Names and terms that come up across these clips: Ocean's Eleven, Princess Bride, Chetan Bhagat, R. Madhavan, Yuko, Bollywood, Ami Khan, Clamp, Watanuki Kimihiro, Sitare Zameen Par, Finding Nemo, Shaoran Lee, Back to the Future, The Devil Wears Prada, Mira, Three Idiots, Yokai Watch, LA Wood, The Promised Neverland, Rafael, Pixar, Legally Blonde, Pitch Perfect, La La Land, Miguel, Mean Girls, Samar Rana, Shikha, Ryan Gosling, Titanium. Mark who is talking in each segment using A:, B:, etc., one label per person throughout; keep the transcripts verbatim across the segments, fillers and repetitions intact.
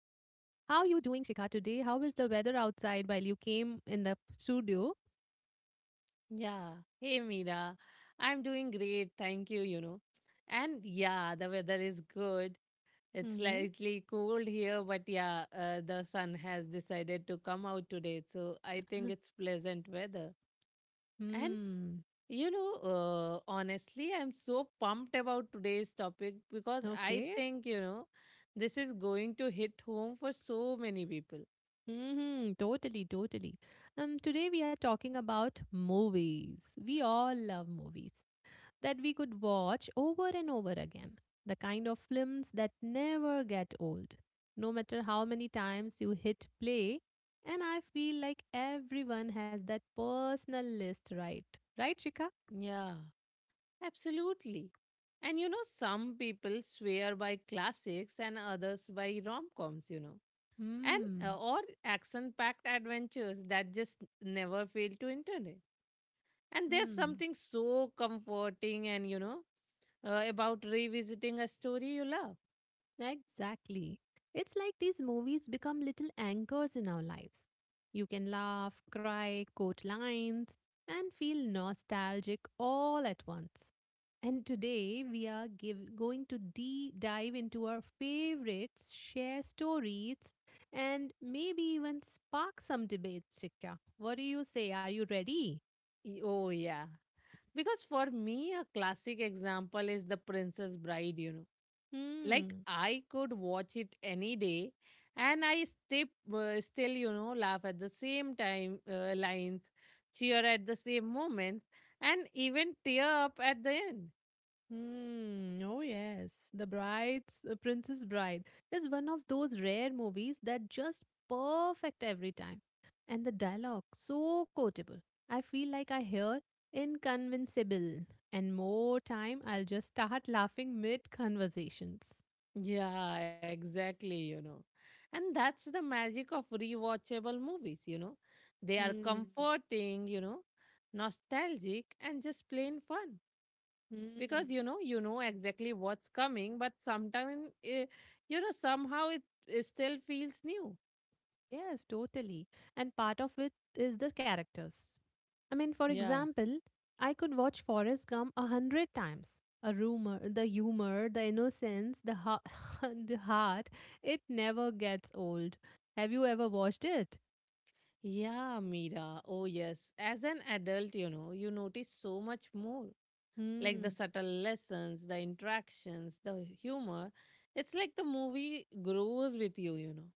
A: How you doing Shikha today? How is the weather outside while you came in the studio?
B: Yeah. Hey, Mira. I'm doing great. Thank you, you know. And yeah, the weather is good. It's
A: Mm-hmm.
B: slightly cold here, but yeah, uh, the sun has decided to come out today. So I think it's pleasant weather. And,
A: Hmm.
B: you know, uh, honestly, I'm so pumped about today's topic because I
A: Okay.
B: think, you know, this is going to hit home for so many people.
A: Mm-hmm. Totally, totally. Um, today we are talking about movies. We all love movies that we could watch over and over again. The kind of films that never get old, no matter how many times you hit play, and I feel like everyone has that personal list, right? Right, Shika?
B: Yeah. Absolutely. And you know, some people swear by classics and others by rom coms, you know, and uh,
A: Hmm.
B: or action packed adventures that just never fail to entertain. And there's
A: Hmm.
B: something so comforting and, you know, uh, about revisiting a story you love.
A: Exactly. It's like these movies become little anchors in our lives. You can laugh, cry, quote lines, and feel nostalgic all at once. And today we are give, going to de- dive into our favorites, share stories, and maybe even spark some debates, Chika. What do you say? Are you ready?
B: Y- Oh, yeah. Because for me, a classic example is The Princess Bride, you know, like
A: Hmm.
B: I could watch it any day and i stip, uh, still you know laugh at the same time uh, lines, cheer at the same moments, and even tear up at the end.
A: Hmm. Oh, yes. The Bride's uh, Princess Bride is one of those rare movies that just perfect every time. And the dialogue so quotable. I feel like I hear inconvincible and more time I'll just start laughing mid conversations.
B: Yeah, exactly, you know. And that's the magic of rewatchable movies, you know. They are
A: Hmm.
B: comforting, you know, nostalgic and just plain fun,
A: Hmm.
B: because you know you know exactly what's coming, but sometimes you know somehow it it still feels new.
A: Yes, totally. And part of it is the characters. I mean, for
B: Yeah.
A: example, I could watch Forrest Gump a hundred times. A rumor, the humor, the innocence, the heart, the heart, it never gets old. Have you ever watched it?
B: Yeah, Mira. Oh, yes. As an adult, you know, you notice so much more. Like the
A: Hmm.
B: subtle lessons, the interactions, the humor. It's like the movie grows with you, you know.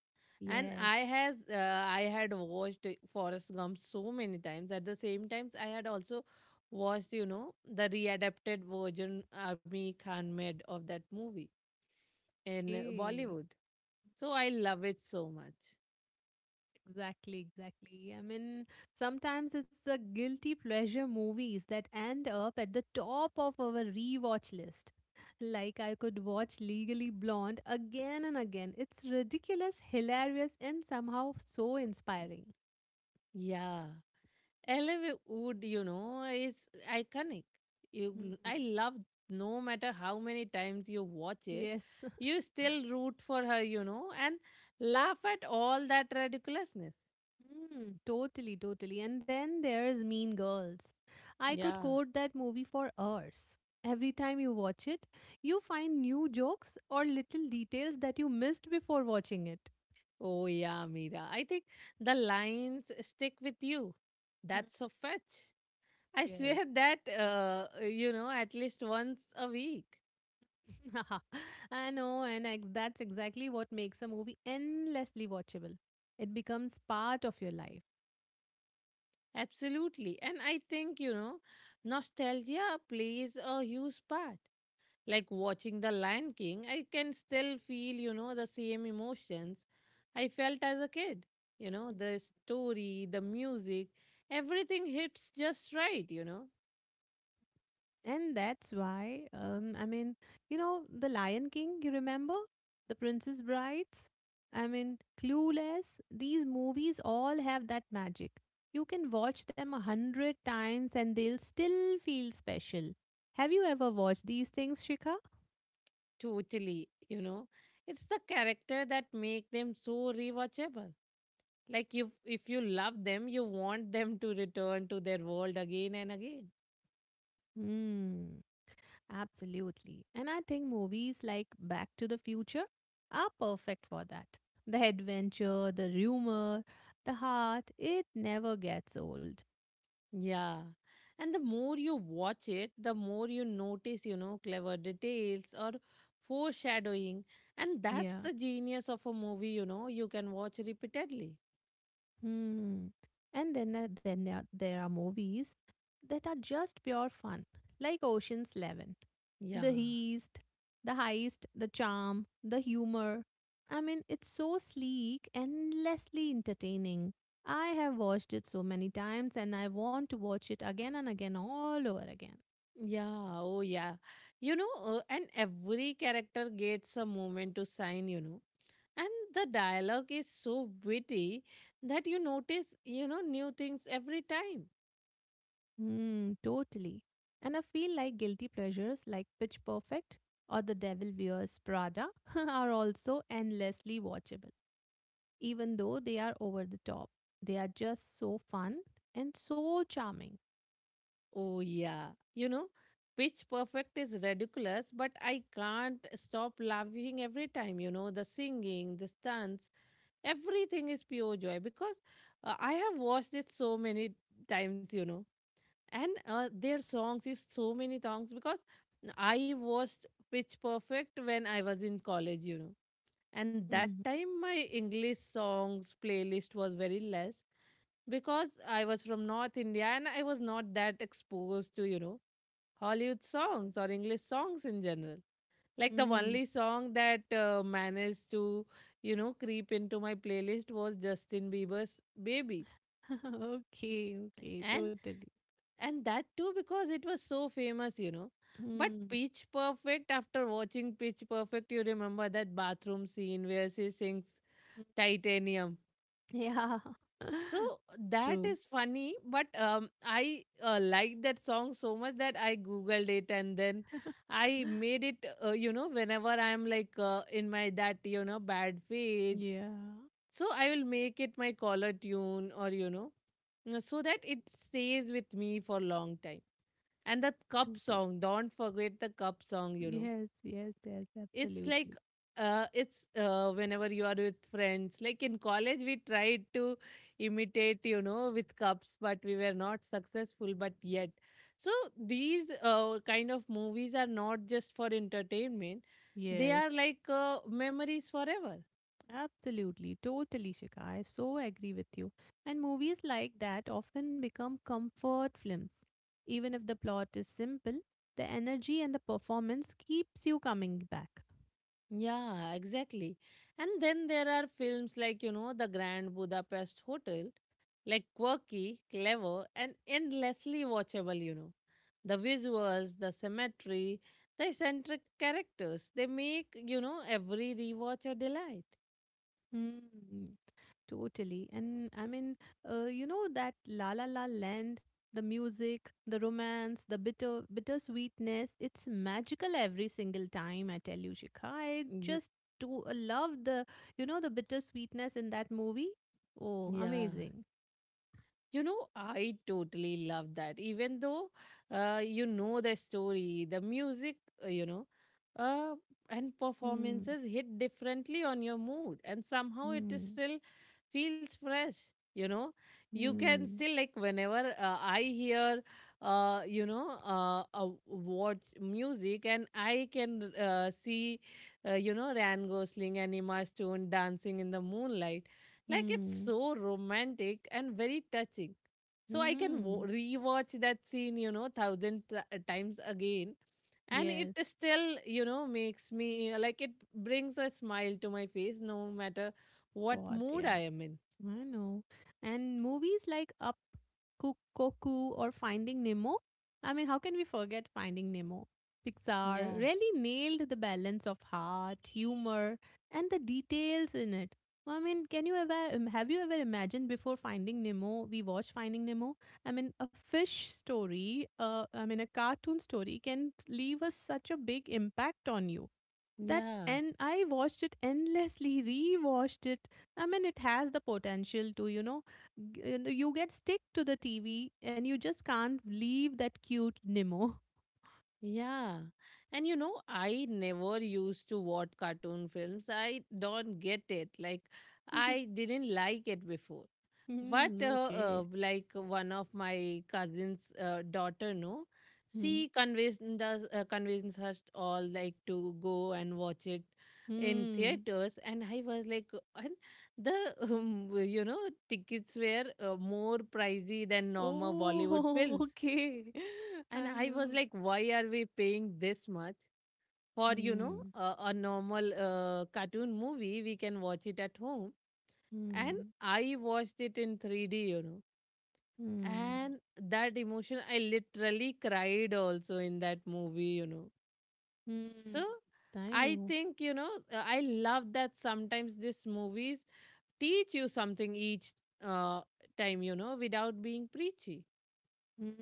B: And
A: Yes.
B: I has uh, I had watched Forrest Gump so many times. At the same times, I had also watched, you know, the readapted version Ami Khan made of that movie in
A: Okay.
B: Bollywood. So I love it so much.
A: Exactly, exactly. I mean, sometimes it's the guilty pleasure movies that end up at the top of our rewatch list. Like I could watch Legally Blonde again and again. It's ridiculous, hilarious, and somehow so inspiring.
B: Yeah. L A Wood, you know, is iconic. You,
A: Hmm.
B: I love, no matter how many times you watch it,
A: Yes,
B: you still root for her, you know, and laugh at all that ridiculousness.
A: Hmm, totally, totally. And then there's Mean Girls. I could
B: Yeah.
A: quote that movie for hours. Every time you watch it, you find new jokes or little details that you missed before watching it.
B: Oh, yeah, Mira. I think the lines stick with you.
A: Mm,
B: That's a fetch. I
A: Yes.
B: swear that, uh, you know, at least once a week.
A: I know, and ex- that's exactly what makes a movie endlessly watchable. It becomes part of your life.
B: Absolutely. And I think, you know, nostalgia plays a huge part. Like watching The Lion King, I can still feel, you know, the same emotions I felt as a kid. You know, the story, the music, everything hits just right, you know.
A: And that's why, um, I mean, you know, The Lion King, you remember? The Princess Brides? I mean, Clueless. These movies all have that magic. You can watch them a hundred times and they'll still feel special. Have you ever watched these things, Shikha?
B: Totally, you know. It's the character that make them so rewatchable. Like you, if you love them, you want them to return to their world again and again.
A: Hmm. Absolutely. And I think movies like Back to the Future are perfect for that. The adventure, the humor, the heart, it never gets old.
B: Yeah. And the more you watch it, the more you notice, you know, clever details or foreshadowing. And that's
A: Yeah.
B: the genius of a movie, you know, you can watch repeatedly.
A: Hmm. And then uh, then there are there are movies that are just pure fun, like Ocean's Eleven.
B: Yeah.
A: The heist, the heist, the charm, the humor. I mean, it's so sleek, endlessly entertaining. I have watched it so many times, and I want to watch it again and again, all over again.
B: Yeah. Oh, yeah. You know, uh, and every character gets a moment to shine, you know. And the dialogue is so witty that you notice, you know, new things every time.
A: Hmm. Totally. And I feel like guilty pleasures like Pitch Perfect or The Devil Wears Prada are also endlessly watchable even though they are over the top. They are just so fun and so charming.
B: Oh, yeah. You know, Pitch Perfect is ridiculous, but I can't stop laughing every time. You know, the singing, the stunts, everything is pure joy, because uh, I have watched it so many times, you know. And uh, their songs is so many songs, because I watched Pitch Perfect when I was in college, you know, and that time my English songs playlist was very less, because I was from North India and I was not that exposed to, you know, Hollywood songs or English songs in general. Like the
A: Mm-hmm.
B: only song that uh, managed to, you know, creep into my playlist was Justin Bieber's Baby.
A: Okay, okay,
B: And
A: totally.
B: and that too because it was so famous, you know. But
A: Mm.
B: Pitch Perfect, after watching Pitch Perfect, you remember that bathroom scene where she sings
A: Mm.
B: Titanium.
A: Yeah,
B: So that
A: true.
B: is funny, but um, I uh, liked that song so much that I googled it and then I made it. Uh, you know, whenever I'm like uh, in my that you know bad phase,
A: Yeah,
B: so I will make it my collar tune, or you know, uh, so that it stays with me for long time. And the cup
A: totally.
B: song, don't forget the cup song. You know,
A: Yes, yes, yes,
B: it's like,
A: absolutely.
B: uh, it's uh, whenever you are with friends, like in college we tried to imitate, you know, with cups, but we were not successful, but yet, so these uh, kind of movies are not just for entertainment, they
A: Yes,
B: are like uh, memories forever.
A: absolutely, totally, Shika. I so agree with you. And movies like that often become comfort films. Even if the plot is simple, the energy and the performance keeps you coming back.
B: Yeah, exactly. And then there are films like, you know, The Grand Budapest Hotel, like quirky, clever and endlessly watchable, you know. The visuals, the symmetry, the eccentric characters. They make, you know, every rewatch a delight.
A: Hmm. Totally. And I mean, uh, you know, that La La La Land, the music, the romance, the bitter bittersweetness, it's magical every single time, I tell you, Shikha. I
B: Mm.
A: just do uh, love the, you know, the bittersweetness in that movie. Oh,
B: Yeah.
A: amazing.
B: You know, I totally love that. Even though, uh, you know, the story, the music, uh, you know, uh, and
A: Hmm.
B: performances hit differently on your mood and somehow it is
A: Hmm.
B: still feels fresh, you know. You can
A: Hmm.
B: still like, whenever uh, I hear, uh, you know uh, uh, watch music, and I can uh, see, uh, you know, Ryan Gosling and Emma Stone dancing in the moonlight, like it's
A: Hmm.
B: so romantic and very touching. So I can
A: Hmm.
B: wo- rewatch that scene, you know, thousand t- times again, and it
A: Yes.
B: still, you know, makes me like, it brings a smile to my face no matter what
A: What?
B: mood
A: Yeah.
B: I am in.
A: I know. And movies like Up, Cook, Coco, or Finding Nemo. I mean, how can we forget Finding Nemo? Pixar
B: yeah
A: really nailed the balance of heart, humor, and the details in it. I mean, can you ever um, have you ever imagined before Finding Nemo? We watched Finding Nemo. I mean, a fish story, uh, I mean, a cartoon story can leave us such a big impact on you that,
B: yeah.
A: and I watched it endlessly, rewatched it. I mean, it has the potential to you know g- you know, you get stick to the TV and you just can't leave that cute Nemo.
B: Yeah. And you know, I never used to watch cartoon films. I don't get it. Like, I didn't like it before. But,
A: Hmm,
B: uh, uh,
A: okay.
B: like, one of my cousin's uh, daughter, no,
A: Hmm.
B: she convinced us, uh, convinced us all, like, to go and watch it in
A: Hmm.
B: theaters. And I was like, and the, um, you know, tickets were uh, more pricey than normal Bollywood
A: Oh,
B: films,
A: okay,
B: and
A: I
B: I was
A: know.
B: like, why are we paying this much for, you know,
A: Hmm.
B: a, a normal uh, cartoon movie? We can watch it at home. And
A: Hmm.
B: I watched it in three D, you know.
A: Hmm.
B: And that emotion, I literally cried also in that movie, you know.
A: Hmm.
B: So
A: I
B: I
A: know.
B: think, you know, uh, I love that sometimes these movies teach you something each uh, time, you know, without being preachy.
A: Mm,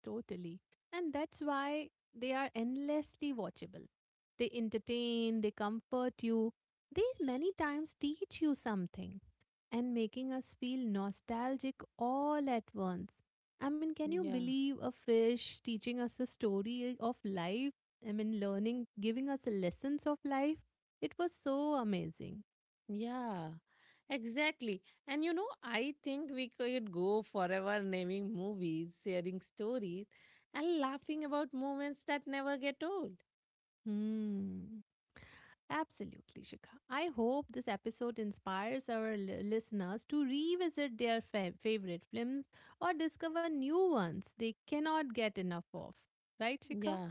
A: totally. And that's why they are endlessly watchable. They entertain, they comfort you, they many times teach you something and making us feel nostalgic all at once. I mean, can you
B: Yeah.
A: believe a fish teaching us a story of life? I mean, learning, giving us lessons of life? It was so amazing.
B: Yeah, exactly. And you know, I think we could go forever naming movies, sharing stories, and laughing about moments that never get old.
A: Hmm. Absolutely, Shikha. I hope this episode inspires our li- listeners to revisit their fa- favorite films or discover new ones they cannot get enough of. Right, Shikha?
B: Yeah.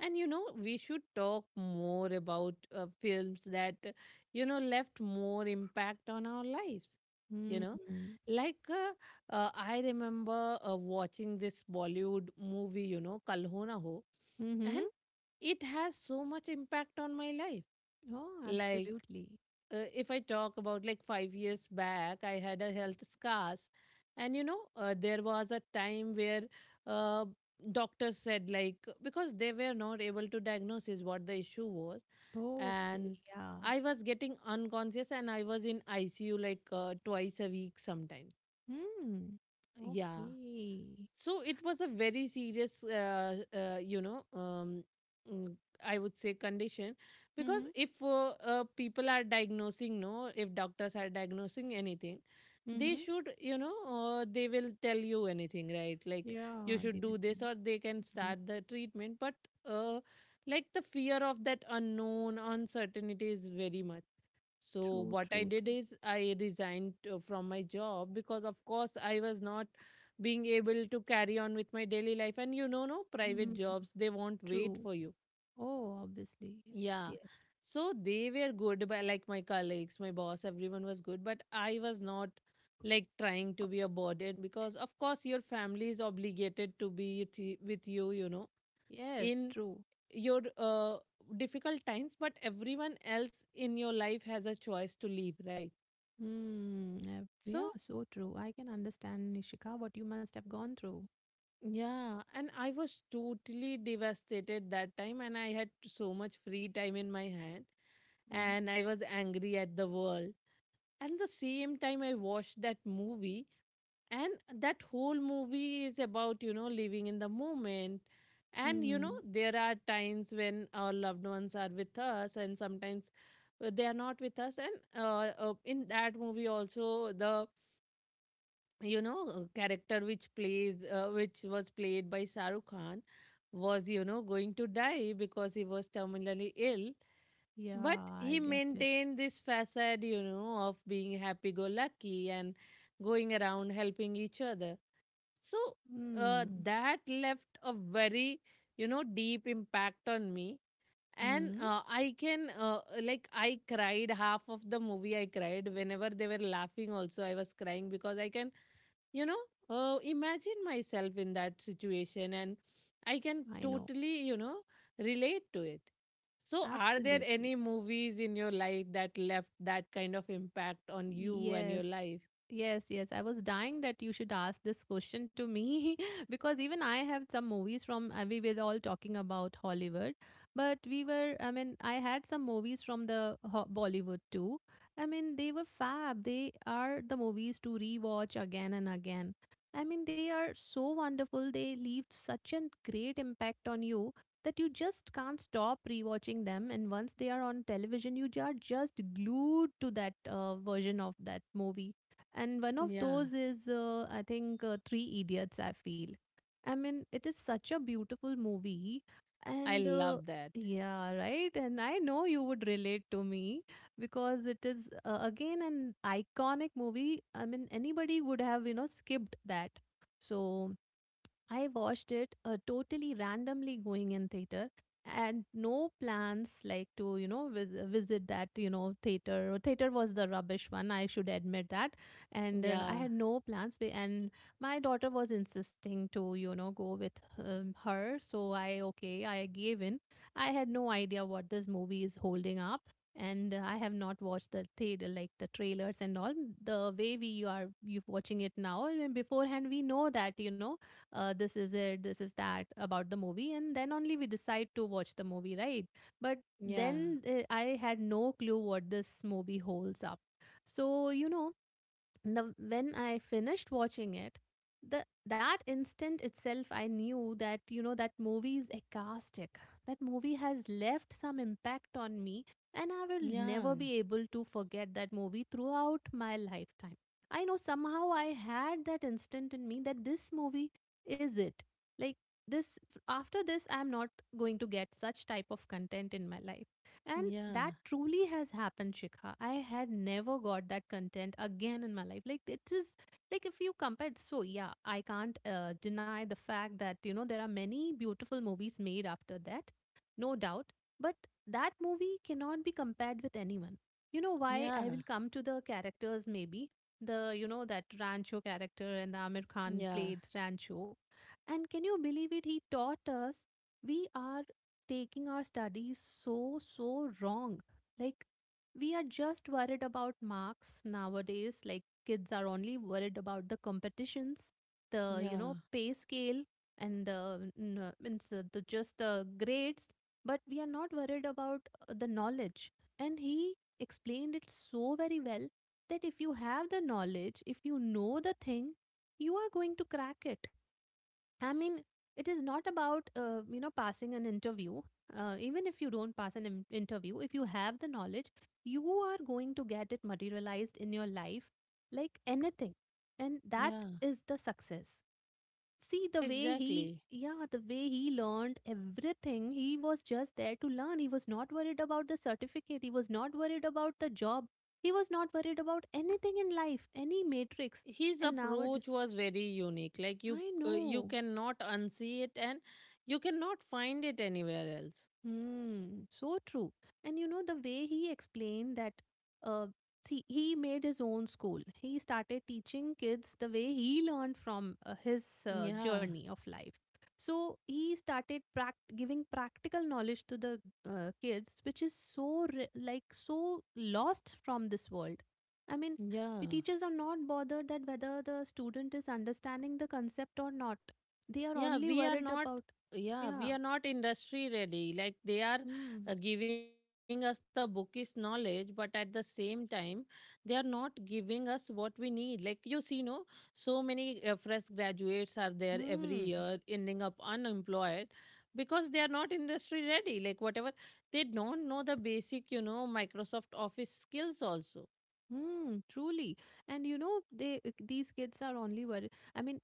B: And you know, we should talk more about uh, films that, uh, you know, left more impact on our lives. You know,
A: Hmm.
B: like uh, uh, I remember uh, watching this Bollywood movie, you know, Kal Ho Na Ho, and
A: Mm-hmm.
B: it has so much impact on my life.
A: Oh,
B: Like
A: absolutely.
B: uh, if I talk about like five years back, I had a health scars, and you know, uh, there was a time where uh, doctors said like, because they were not able to diagnose is what the issue was,
A: Okay.
B: and
A: Yeah.
B: I was getting unconscious and I was in I C U like uh, twice a week sometimes.
A: Hmm.
B: Yeah,
A: Okay.
B: so it was a very serious uh, uh, you know, um, mm, I would say condition, because
A: Mm-hmm.
B: if uh, uh, people are diagnosing, no, if doctors are diagnosing anything, they
A: Mm-hmm.
B: should you know uh, they will tell you anything, right? Like
A: Yeah,
B: you
A: they
B: should
A: will
B: do
A: tell
B: this
A: you.
B: or they can
A: Mhm.
B: start the treatment, but uh, like the fear of that unknown uncertainty is very much. So
A: True,
B: what I
A: true,
B: did
A: true.
B: is I resigned uh, from my job, because of course I was not being able to carry on with my daily life, and you know no
A: Mm-hmm.
B: private jobs, they won't wait
A: True.
B: for you.
A: Oh, obviously. Yes,
B: Yeah.
A: yes.
B: So they were good by, like my colleagues, my boss, everyone was good, but I was not like trying to be a burden, because of course your family is obligated to be with y- with you, you know,
A: Yes,
B: in
A: true.
B: your uh, difficult times, but everyone else in your life has a choice to leave, right?
A: Hmm. uh, Yeah,
B: So
A: so true. I can understand, Nishika, what you must have gone through.
B: yeah, and I was totally devastated that time, and I had so much free time in my hand,
A: Mm.
B: and I was angry at the world. And the same time, I watched that movie, and that whole movie is about, you know, living in the moment. And, you know,
A: Hmm.
B: there are times when our loved ones are with us, and sometimes uh, they are not with us. And uh, uh, in that movie, also, the you know uh, character which plays uh, which was played by Shahrukh Khan was you know going to die because he was terminally ill,
A: Yeah,
B: but
A: I
B: he
A: get it.
B: maintained this facade, you know of being happy go lucky and going around helping each other. So
A: Hmm.
B: uh, that left a very you know deep impact on me. And
A: Hmm.
B: uh, I can uh, like I cried half of the movie. I cried whenever they were laughing also. I was crying because I can, you know uh, imagine myself in that situation, and I can
A: I know.
B: totally, you know relate to it. So are there
A: Absolutely.
B: any movies in your life that left that kind of impact on you and
A: Yes.
B: your life?
A: Yes, yes. I was dying that you should ask this question to me, because even I have some movies from uh, we were all talking about Hollywood, but we were I mean, I had some movies from the Ho- Bollywood too. I mean, they were fab. They are the movies to rewatch again and again. I mean, they are so wonderful. They leave such a great impact on you that you just can't stop rewatching them, and once they are on television you are just glued to that uh, version of that movie. And one of
B: Yeah,
A: those is uh, I think, uh, Three Idiots, I feel. I mean, it is such a beautiful movie,
B: I
A: and
B: love
A: uh,
B: that.
A: yeah, right. And I know you would relate to me because it is, uh, again, an iconic movie. I mean, anybody would have, you know skipped that. So I watched it, uh, totally randomly going in theater and no plans, like, to you know vis- visit that you know theater. Theater was the rubbish one, I should admit that. And uh, I
B: Yeah,
A: had no plans, be- and my daughter was insisting to you know go with um, her, so I, okay, I gave in. I had no idea what this movie is holding up. And uh, I have not watched the theater, like, the trailers and all the way we are you watching it now. I mean, beforehand we know that, you know uh, this is it, this is that about the movie, and then only we decide to watch the movie, right? But
B: yeah,
A: then uh, I had no clue what this movie holds up. So, you know, the when I finished watching it, the that instant itself, I knew that you know that movie is ecstatic. That movie has left some impact on me, and I will
B: yeah,
A: never be able to forget that movie throughout my lifetime. I know somehow I had that instant in me that this movie is it. Like this, after this, I'm not going to get such type of content in my life. And that
B: yeah,
A: truly has happened, Shikha. I had never got that content again in my life. Like, it is like if you compare, so yeah, I can't uh, deny the fact that, you know, there are many beautiful movies made after that, no doubt. But that movie cannot be compared with anyone. You know why? I
B: yeah,
A: will come to the characters maybe. The, you know, that Rancho character, and the Amir Khan
B: yeah,
A: played Rancho. And can you believe it? He taught us we are taking our studies so, so wrong. Like, we are just worried about marks nowadays. Like, kids are only worried about the competitions, the, you
B: yeah,
A: know, pay scale, and the, n- uh, means uh, the just the grades, but we are not worried about uh, the knowledge. And he explained it so very well that if you have the knowledge, if you know the thing, you are going to crack it. I mean, it is not about, uh, you know, passing an interview. Uh, even if you don't pass an in- interview, if you have the knowledge, you are going to get it materialized in your life like anything. And that
B: yeah.
A: is the success. See, the way he,
B: Exactly.
A: yeah, the way he learned everything, he was just there to learn. He was not worried about the certificate, he was not worried about the job, he was not worried about anything in life, any matrix.
B: His
A: And
B: approach
A: nowadays,
B: was very unique, like you,
A: I
B: uh, you
A: know.
B: cannot unsee it, and you cannot find it anywhere else.
A: Hmm, so true. And you know, the way he explained that, uh, see, he made his own school. He started teaching kids the way he learned from uh, his uh,
B: Yeah,
A: journey of life. So he started prac- giving practical knowledge to the uh, kids, which is so, re- like, so lost from this world. I mean,
B: yeah,
A: the teachers are not bothered that whether the student is understanding the concept or not. They are
B: yeah,
A: only
B: we are
A: worried
B: not.
A: about,
B: Yeah,
A: yeah.
B: we are not industry ready like they are,
A: Hmm.
B: uh, giving us the bookish knowledge, but at the same time they are not giving us what we need. Like, you see, no, so many uh, fresh graduates are there every
A: Hmm.
B: year ending up unemployed because they are not industry ready. Like, whatever, they don't know the basic, you know Microsoft Office skills also.
A: Hmm, truly. And you know, they uh, these kids are only worried. I mean,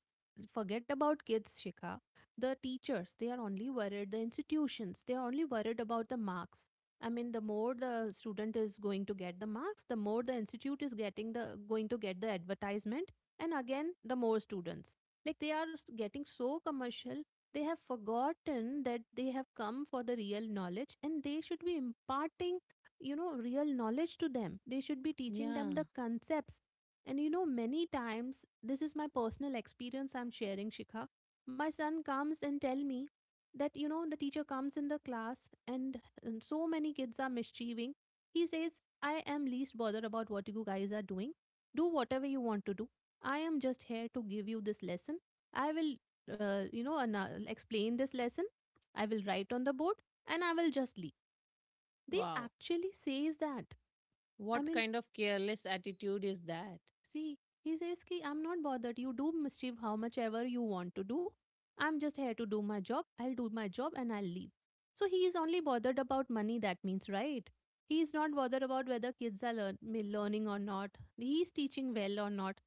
A: forget about kids, Shikha. The teachers, they are only worried. The institutions, they are only worried about the marks. I mean, the more the student is going to get the marks, the more the institute is getting the going to get the advertisement, and again, the more students. Like they are s- getting so commercial, they have forgotten that they have come for the real knowledge, and they should be imparting, you know, real knowledge to them. They should be teaching them
B: Yeah.
A: the concepts. And you know, many times, this is my personal experience I'm sharing, Shikha. My son comes and tell me that, you know, the teacher comes in the class, and, and so many kids are mischieving. He says, I am least bothered about what you guys are doing. Do whatever you want to do. I am just here to give you this lesson. I will uh, you know, ana- explain this lesson. I will write on the board, and I will just leave. They
B: Wow.
A: actually says that. I
B: What
A: mean,
B: kind of careless attitude is that?
A: see, he says ki I'm not bothered. You do mischief how much ever you want to do. I'm just here to do my job. I'll do my job and I'll leave. So he is only bothered about money. That means right. He is not bothered about whether kids are learn- learning or not, he is teaching well or not.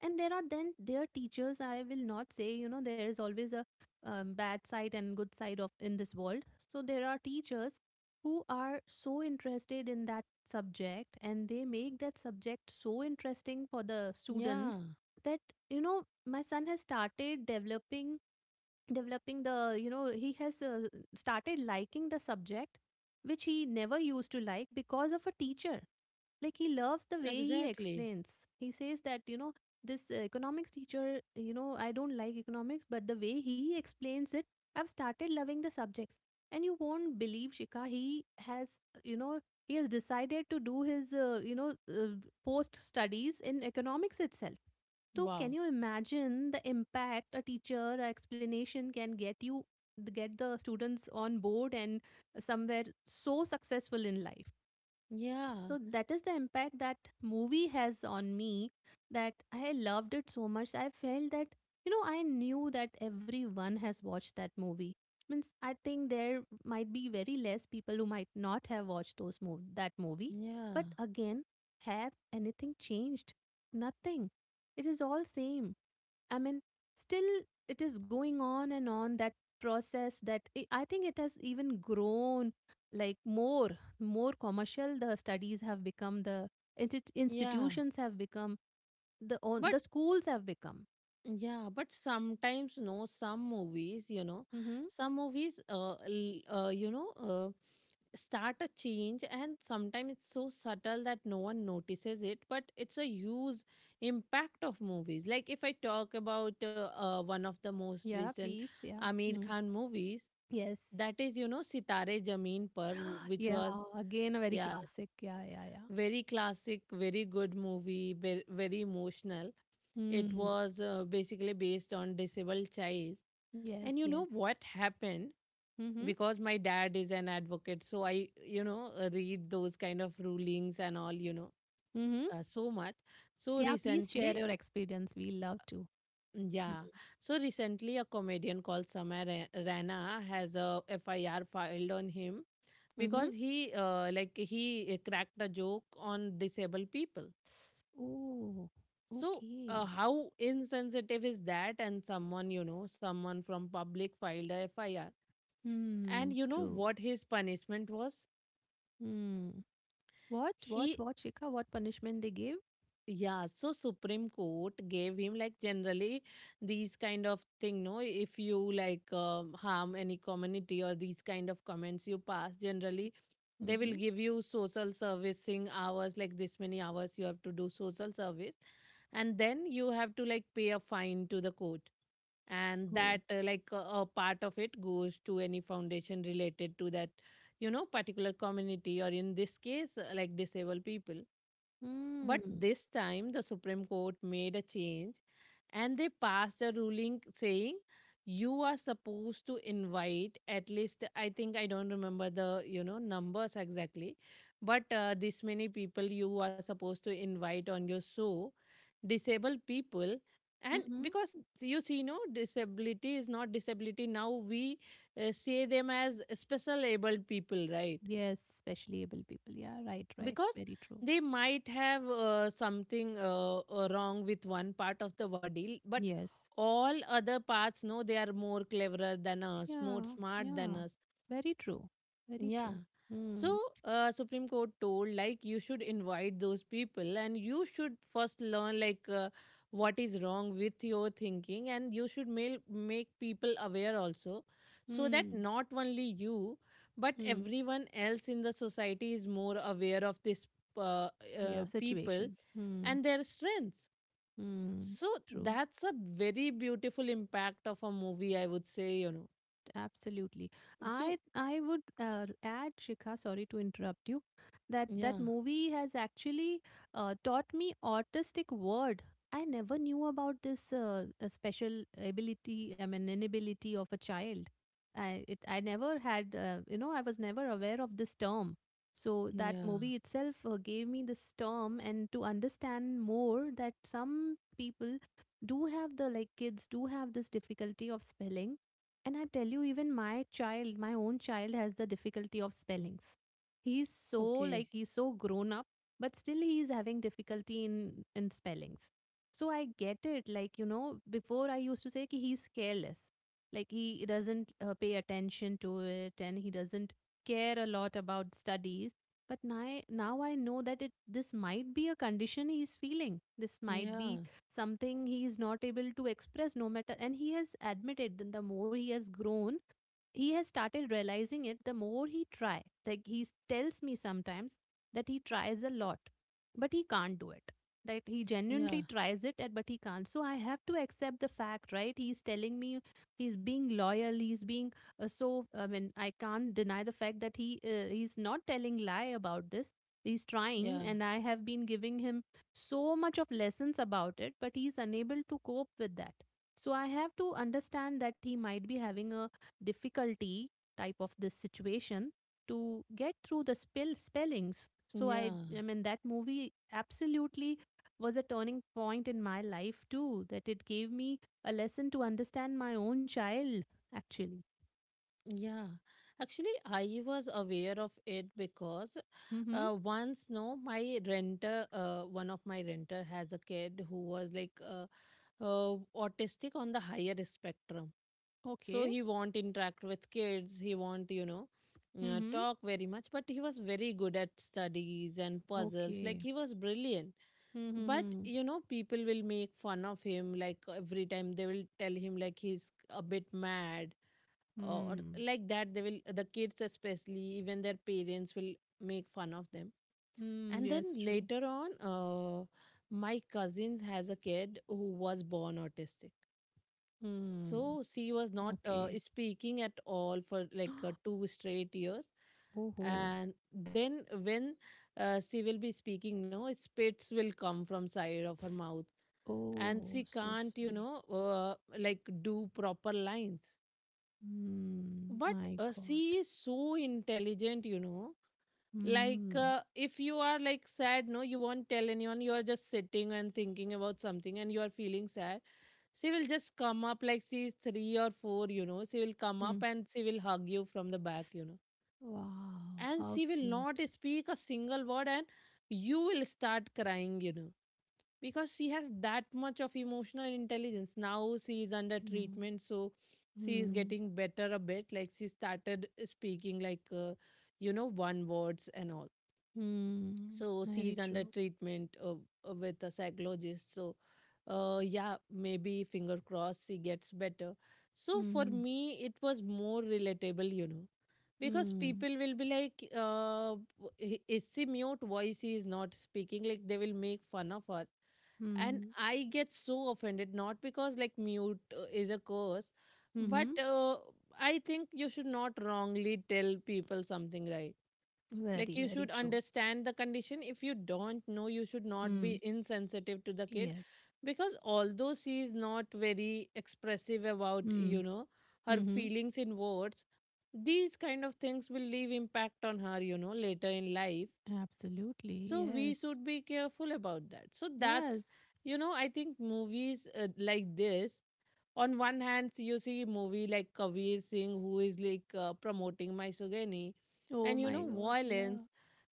A: And there are then their teachers. I will not say, you know, there is always a um, bad side and good side of in this world. So there are teachers who are so interested in that subject, and they make that subject so interesting for the
B: Yeah.
A: students, that, you know, my son has started developing developing the, you know, he has uh, started liking the subject which he never used to like because of a teacher. Like, he loves the way he
B: Exactly.
A: explains. He says that, you know, this uh, economics teacher, you know, I don't like economics, but the way he explains it, I've started loving the subjects. And you won't believe, Shika, he has, you know, he has decided to do his uh, you know, uh, post studies in economics itself. So
B: Wow.
A: can you imagine the impact a teacher a explanation can get you, get the students on board, and somewhere so successful in life.
B: Yeah.
A: So that is the impact that movie has on me, that I loved it so much. I felt that, you know, I knew that everyone has watched that movie. Means, I think there might be very less people who might not have watched those mov- that movie.
B: Yeah.
A: But again, have anything changed? Nothing. It is all same. I mean, still, it is going on and on, that process, that i I think it has even grown, like, more, more commercial. The studies have become, the insti-
B: Yeah.
A: institutions have become, the on,
B: But
A: the schools have become.
B: yeah, but sometimes no, some movies, you know,
A: Mm-hmm.
B: some movies uh, l- uh you know, uh, start a change, and sometimes it's so subtle that no one notices it, but it's a huge impact of movies. Like, if I talk about uh, uh, one of the most
A: Yeah,
B: recent
A: please. Yeah.
B: Amir
A: Mm.
B: Khan movies,
A: Yes.
B: that is, you know, Sitare Zameen Par, w- which
A: Yeah.
B: was,
A: Again, a very
B: yeah,
A: classic. Yeah. Yeah. Yeah.
B: very classic, very good movie, ve- very emotional. It
A: Mm.
B: was uh, basically based on disabled child.
A: Yes,
B: And you know
A: yes.
B: what happened?
A: Mm-hmm.
B: Because my dad is an advocate, so I, you know, uh, read those kind of rulings and all, you know,
A: Mm-hmm.
B: uh, so much. So
A: Yeah. Please share
B: recently,
A: your experience. We love to.
B: yeah, so recently a comedian called Samar Rana has a F I R filed on him
A: Mm-hmm.
B: because he, uh, like, he uh, cracked a joke on disabled people.
A: Oh,
B: So, uh,
A: okay.
B: how insensitive is that? And someone, you know, someone from public filed a F I R. And
A: Hmm,
B: you know
A: true.
B: what his punishment was?
A: Hmm. What, what,
B: He,
A: what, Shikha? What punishment they gave?
B: yeah, so Supreme Court gave him, like, generally these kind of thing. No, if you like um, harm any community or these kind of comments you pass, generally they
A: Mm-hmm.
B: will give you social servicing hours, like this many hours you have to do social service, and then you have to like pay a fine to the court, and
A: Oh.
B: that uh, like a, a part of it goes to any foundation related to that, you know, particular community, or in this case uh, like disabled people. But
A: Hmm.
B: this time, the Supreme Court made a change, and they passed a ruling saying you are supposed to invite at least, I think, I don't remember the, you know, numbers exactly, but uh, this many people you are supposed to invite on your show, disabled people. And
A: Mm-hmm.
B: because you see no disability is not disability now, we uh, say them as special abled people, right?
A: Yes, specially able people. Yeah, right, right.
B: Because
A: Very true.
B: they might have uh, something uh, uh, wrong with one part of the body, but
A: Yes.
B: all other parts know they are more cleverer than us, more
A: Yeah,
B: smart than
A: yeah.
B: us.
A: Very true. Very
B: Yeah.
A: true.
B: So,
A: Hmm.
B: uh, Supreme Court told, like, you should invite those people, and you should first learn, like, uh, what is wrong with your thinking, and you should mail, make people aware also, so that
A: Hmm.
B: not only you but
A: Hmm.
B: everyone else in the society is more aware of this uh, uh,
A: Yeah,
B: people
A: situation. Hmm.
B: and their strengths.
A: Hmm.
B: So
A: True.
B: that's a very beautiful impact of a movie, I would say, you know.
A: Absolutely. I
B: To,
A: I would uh, add, Shikha, sorry to interrupt you, that
B: yeah,
A: that movie has actually uh, taught me autistic word. I never knew about this uh, uh, special ability, I mean, inability of a child. I it I never had, uh, you know, I was never aware of this term. So that
B: yeah.
A: movie itself uh, gave me this term, and to understand more that some people do have the, like, kids do have this difficulty of spelling. And I tell you, even my child, my own child, has the difficulty of spellings. He's so, like,
B: Okay.
A: he's so grown up, but still he's having difficulty in in spellings. So I get it. Like, you know, before I used to say ki he's careless, like he doesn't uh, pay attention to it, and he doesn't care a lot about studies. But now, now I know that it this might be a condition he's feeling. This might be
B: Yeah,
A: something he is not able to express no matter, and he has admitted that the more he has grown, he has started realizing it. The more he try, like, he tells me sometimes that he tries a lot, but he can't do it. That he
B: yeah,
A: genuinely tries it, and but he can't. So I have to accept the fact, right, he's telling me, he's being loyal, he's being uh, so I mean, I can't deny the fact that he uh, he's not telling lie about this. He's trying,
B: yeah,
A: and I have been giving him so much of lessons about it, but he's unable to cope with that. So I have to understand that he might be having a difficulty type of this situation to get through the spell spellings. So i
B: yeah,
A: i mean, that movie absolutely was a turning point in my life too, that it gave me a lesson to understand my own child, actually.
B: yeah. Actually, I was aware of it because
A: Mhm.
B: uh, once, no, my renter, uh, one of my renter has a kid who was like uh, uh, autistic on the higher spectrum. So
A: Okay.
B: he won't interact with kids. He won't, you know, uh,
A: Mhm.
B: talk very much, but he was very good at studies and puzzles. Like,
A: Okay.
B: he was brilliant, but,
A: Mhm.
B: you know, people will make fun of him. Like, every time they will tell him like he's a bit mad or
A: Hmm.
B: like that. They will, the kids especially, even their parents will make fun of them.
A: Hmm.
B: And then
A: Yes, true.
B: later on, uh, my cousins has a kid who was born autistic,
A: Hmm.
B: so she was not uh,
A: Okay.
B: speaking at all for like uh, two straight years.
A: Oh.
B: And then when uh, she will be speaking now, spits will come from side of her mouth. And
A: Oh,
B: she
A: so
B: can't, you
A: sorry.
B: know, uh, like do proper lines.
A: Hmm.
B: But
A: My
B: uh,
A: God.
B: she is so intelligent, you know. Like,
A: Mm,
B: uh, if you are like sad, no, you won't tell anyone. You are just sitting and thinking about something and you are feeling sad. She will just come up. Like, she's three or four, you know. She will come up
A: mm.
B: and she will hug you from the back, you know.
A: Wow,
B: And
A: how
B: she will
A: cute.
B: not speak a single word, and you will start crying, you know, because she has that much of emotional intelligence. Now she is under
A: You know.
B: treatment, so she is
A: Mm,
B: getting better a bit. Like, she started speaking, like, uh, you know, one words and all.
A: mm,
B: So
A: very
B: she's under
A: true.
B: treatment uh, uh, with a psychologist. So, uh, yeah, maybe finger crossed she gets better. So for
A: Mm,
B: me, it was more relatable, you know, because
A: mm,
B: people will be like, uh, w- i- is she mute, why she is not speaking, like they will make fun of her. And
A: mm,
B: I get so offended, not because like mute uh, is a curse, but
A: mm-hmm.
B: uh, I think you should not wrongly tell people something, right? Like,
A: Very,
B: you should
A: very true.
B: understand the condition. If you don't know, you should not
A: Mm,
B: be insensitive to the kid,
A: yes.
B: because although she is not very expressive about, you
A: Mm,
B: know, her
A: mm-hmm.
B: feelings in words, these kind of things will leave impact on her, you know, later in life.
A: Absolutely.
B: So we
A: Yes.
B: should be careful about that. So that's,
A: Yes.
B: you know, I think movies uh, like this. On one hand, so you see movie like Kabir Singh, who is like uh, promoting misogyny
A: Oh
B: and, you
A: my
B: know,
A: God.
B: violence,
A: Yeah.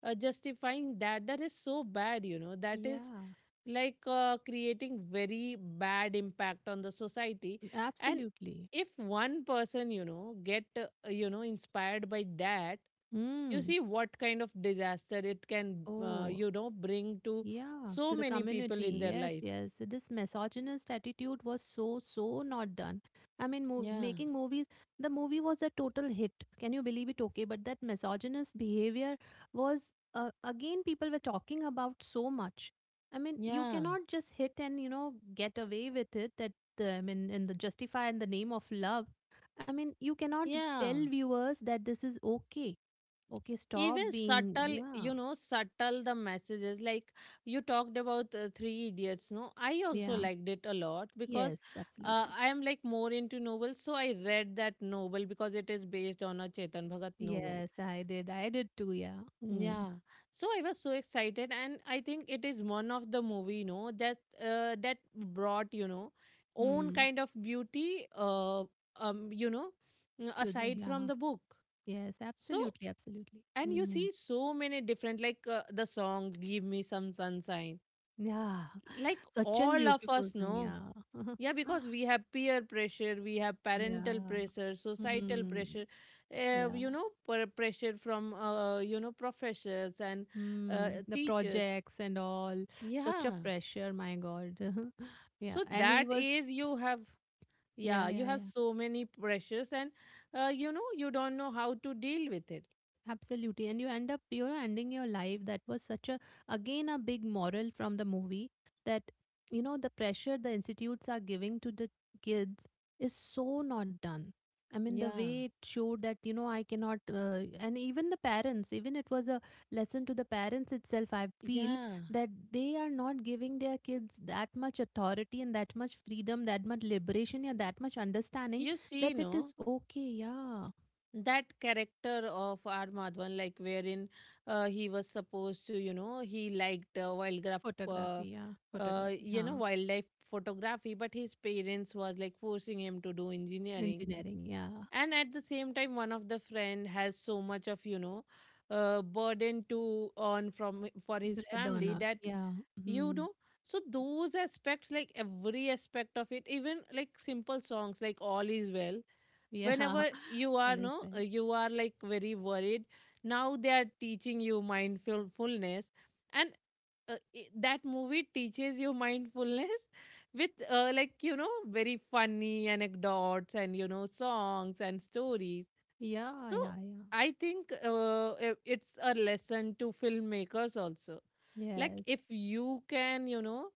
B: uh, justifying that. That is so bad, you know. That is
A: Yeah.
B: like uh, creating very bad impact on the society. And
A: Absolutely.
B: if one person, you know, get uh, you know inspired by that, you
A: Mm.
B: see what kind of disaster it can, uh,
A: Oh,
B: you know bring to
A: yeah,
B: so
A: to the
B: many people
A: community.
B: in their
A: Yes,
B: life.
A: yes. This misogynist attitude was so, so not done. I mean, mo
B: Yeah,
A: making movies, the movie was a total hit. Can you believe it? Okay, but that misogynist behavior was, uh, again, people were talking about so much. I mean, you
B: yeah,
A: cannot just hit and, you know, get away with it, that, the, I mean, in the justify in the name of love. I mean, you cannot tell
B: yeah.
A: viewers that this is okay. Okay, stop
B: Even
A: being,
B: subtle,
A: yeah,
B: you know, subtle the messages, like you talked about uh, three idiots, no, I also
A: yeah.
B: liked it a lot because
A: Yes,
B: uh,
A: absolutely.
B: I am like more into novels, so I read that novel because it is based on a Chetan Bhagat novel.
A: Yes, I did. I did too, yeah. Mm.
B: Yeah. So I was so excited, and I think it is one of the movie, you know, that uh, that brought, you know, own
A: Mm.
B: kind of beauty, uh, um you know,
A: To the,
B: aside
A: yeah.
B: from the book.
A: Yes,
B: So,
A: absolutely, absolutely.
B: and you
A: Mm.
B: see so many different, like, uh, the song "Give Me Some Sunshine,"
A: Yeah.
B: like
A: Such an
B: all of
A: beautiful
B: us
A: thing,
B: know.
A: yeah.
B: Yeah, because we have peer pressure, we have parental
A: Yeah.
B: pressure, societal
A: Mm.
B: pressure, uh,
A: Yeah.
B: you know, per- pressure from, uh, you know, professors and uh,
A: Mm. The
B: teachers.
A: projects and all. Such a
B: Yeah.
A: pressure, my God. Yeah.
B: So
A: And he
B: that
A: was,
B: is, you have,
A: yeah,
B: yeah, you
A: yeah,
B: have
A: yeah.
B: so many pressures, and uh, you know, you don't know how to deal with it.
A: Absolutely. And you end up, you know, ending your life. That was such a, again, a big moral from the movie, that, you know, the pressure the institutes are giving to the kids is so not done. I mean, the
B: Yeah,
A: way it showed that, you know, I cannot, uh, and even the parents, even it was a lesson to the parents itself, I feel,
B: yeah,
A: that they are not giving their kids that much authority and that much freedom, that much liberation, yeah, that much understanding,
B: you see
A: that it is
B: no,
A: okay. Yeah.
B: that character of R. Madhavan, like, wherein uh, he was supposed to, you know, he liked uh, wildlife, uh,
A: Photography, yeah,
B: uh,
A: photography.
B: you know,
A: Huh.
B: wildlife photography, but his parents was like forcing him to do engineering.
A: Engineering, yeah.
B: And at the same time, one of the friend has so much of, you know, uh, burden to earn from for his
A: Bread
B: family,
A: honor,
B: that,
A: yeah.
B: you
A: Mhm.
B: know. So those aspects, like every aspect of it, even like simple songs like "All Is Well,"
A: Yeah,
B: whenever you
A: all
B: are
A: is
B: no
A: well.
B: uh, you are like very worried, now they are teaching you mindfulness. And uh, i- that movie teaches you mindfulness with, uh, like, you know, very funny anecdotes and, you know, songs and stories.
A: Yeah,
B: So
A: yeah, yeah.
B: I think, uh, i- it's a lesson to filmmakers also. Like,
A: Yes.
B: if you can, you know,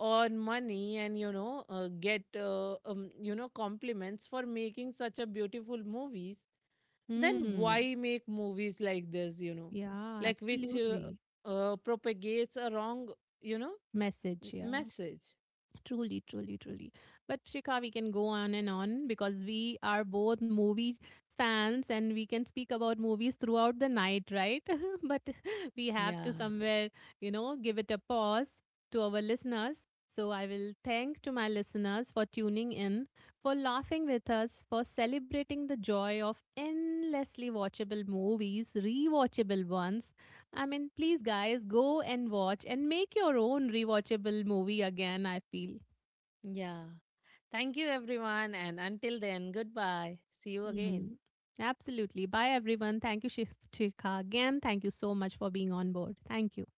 B: earn money and, you know, uh, get, uh, um, you know, compliments for making such a beautiful movies, then
A: Mm.
B: why make movies like this? You know,
A: Yeah,
B: like which uh,
A: absolutely.
B: uh, propagates a wrong, you know,
A: Message,
B: m-
A: yeah.
B: message.
A: Truly, truly, truly. But Shikha, we can go on and on because we are both movie fans, and we can speak about movies throughout the night, right? But we have
B: Yeah,
A: to somewhere, you know, give it a pause to our listeners. So I will thank to my listeners for tuning in, for laughing with us, for celebrating the joy of endlessly watchable movies, rewatchable ones. I mean, please, guys, go and watch and make your own rewatchable movie again. I feel.
B: yeah. Thank you, everyone, and until then, goodbye. See you again.
A: Mm. Absolutely. Bye, everyone. Thank you, Shif- Shikha, again. Thank you so much for being on board. Thank you.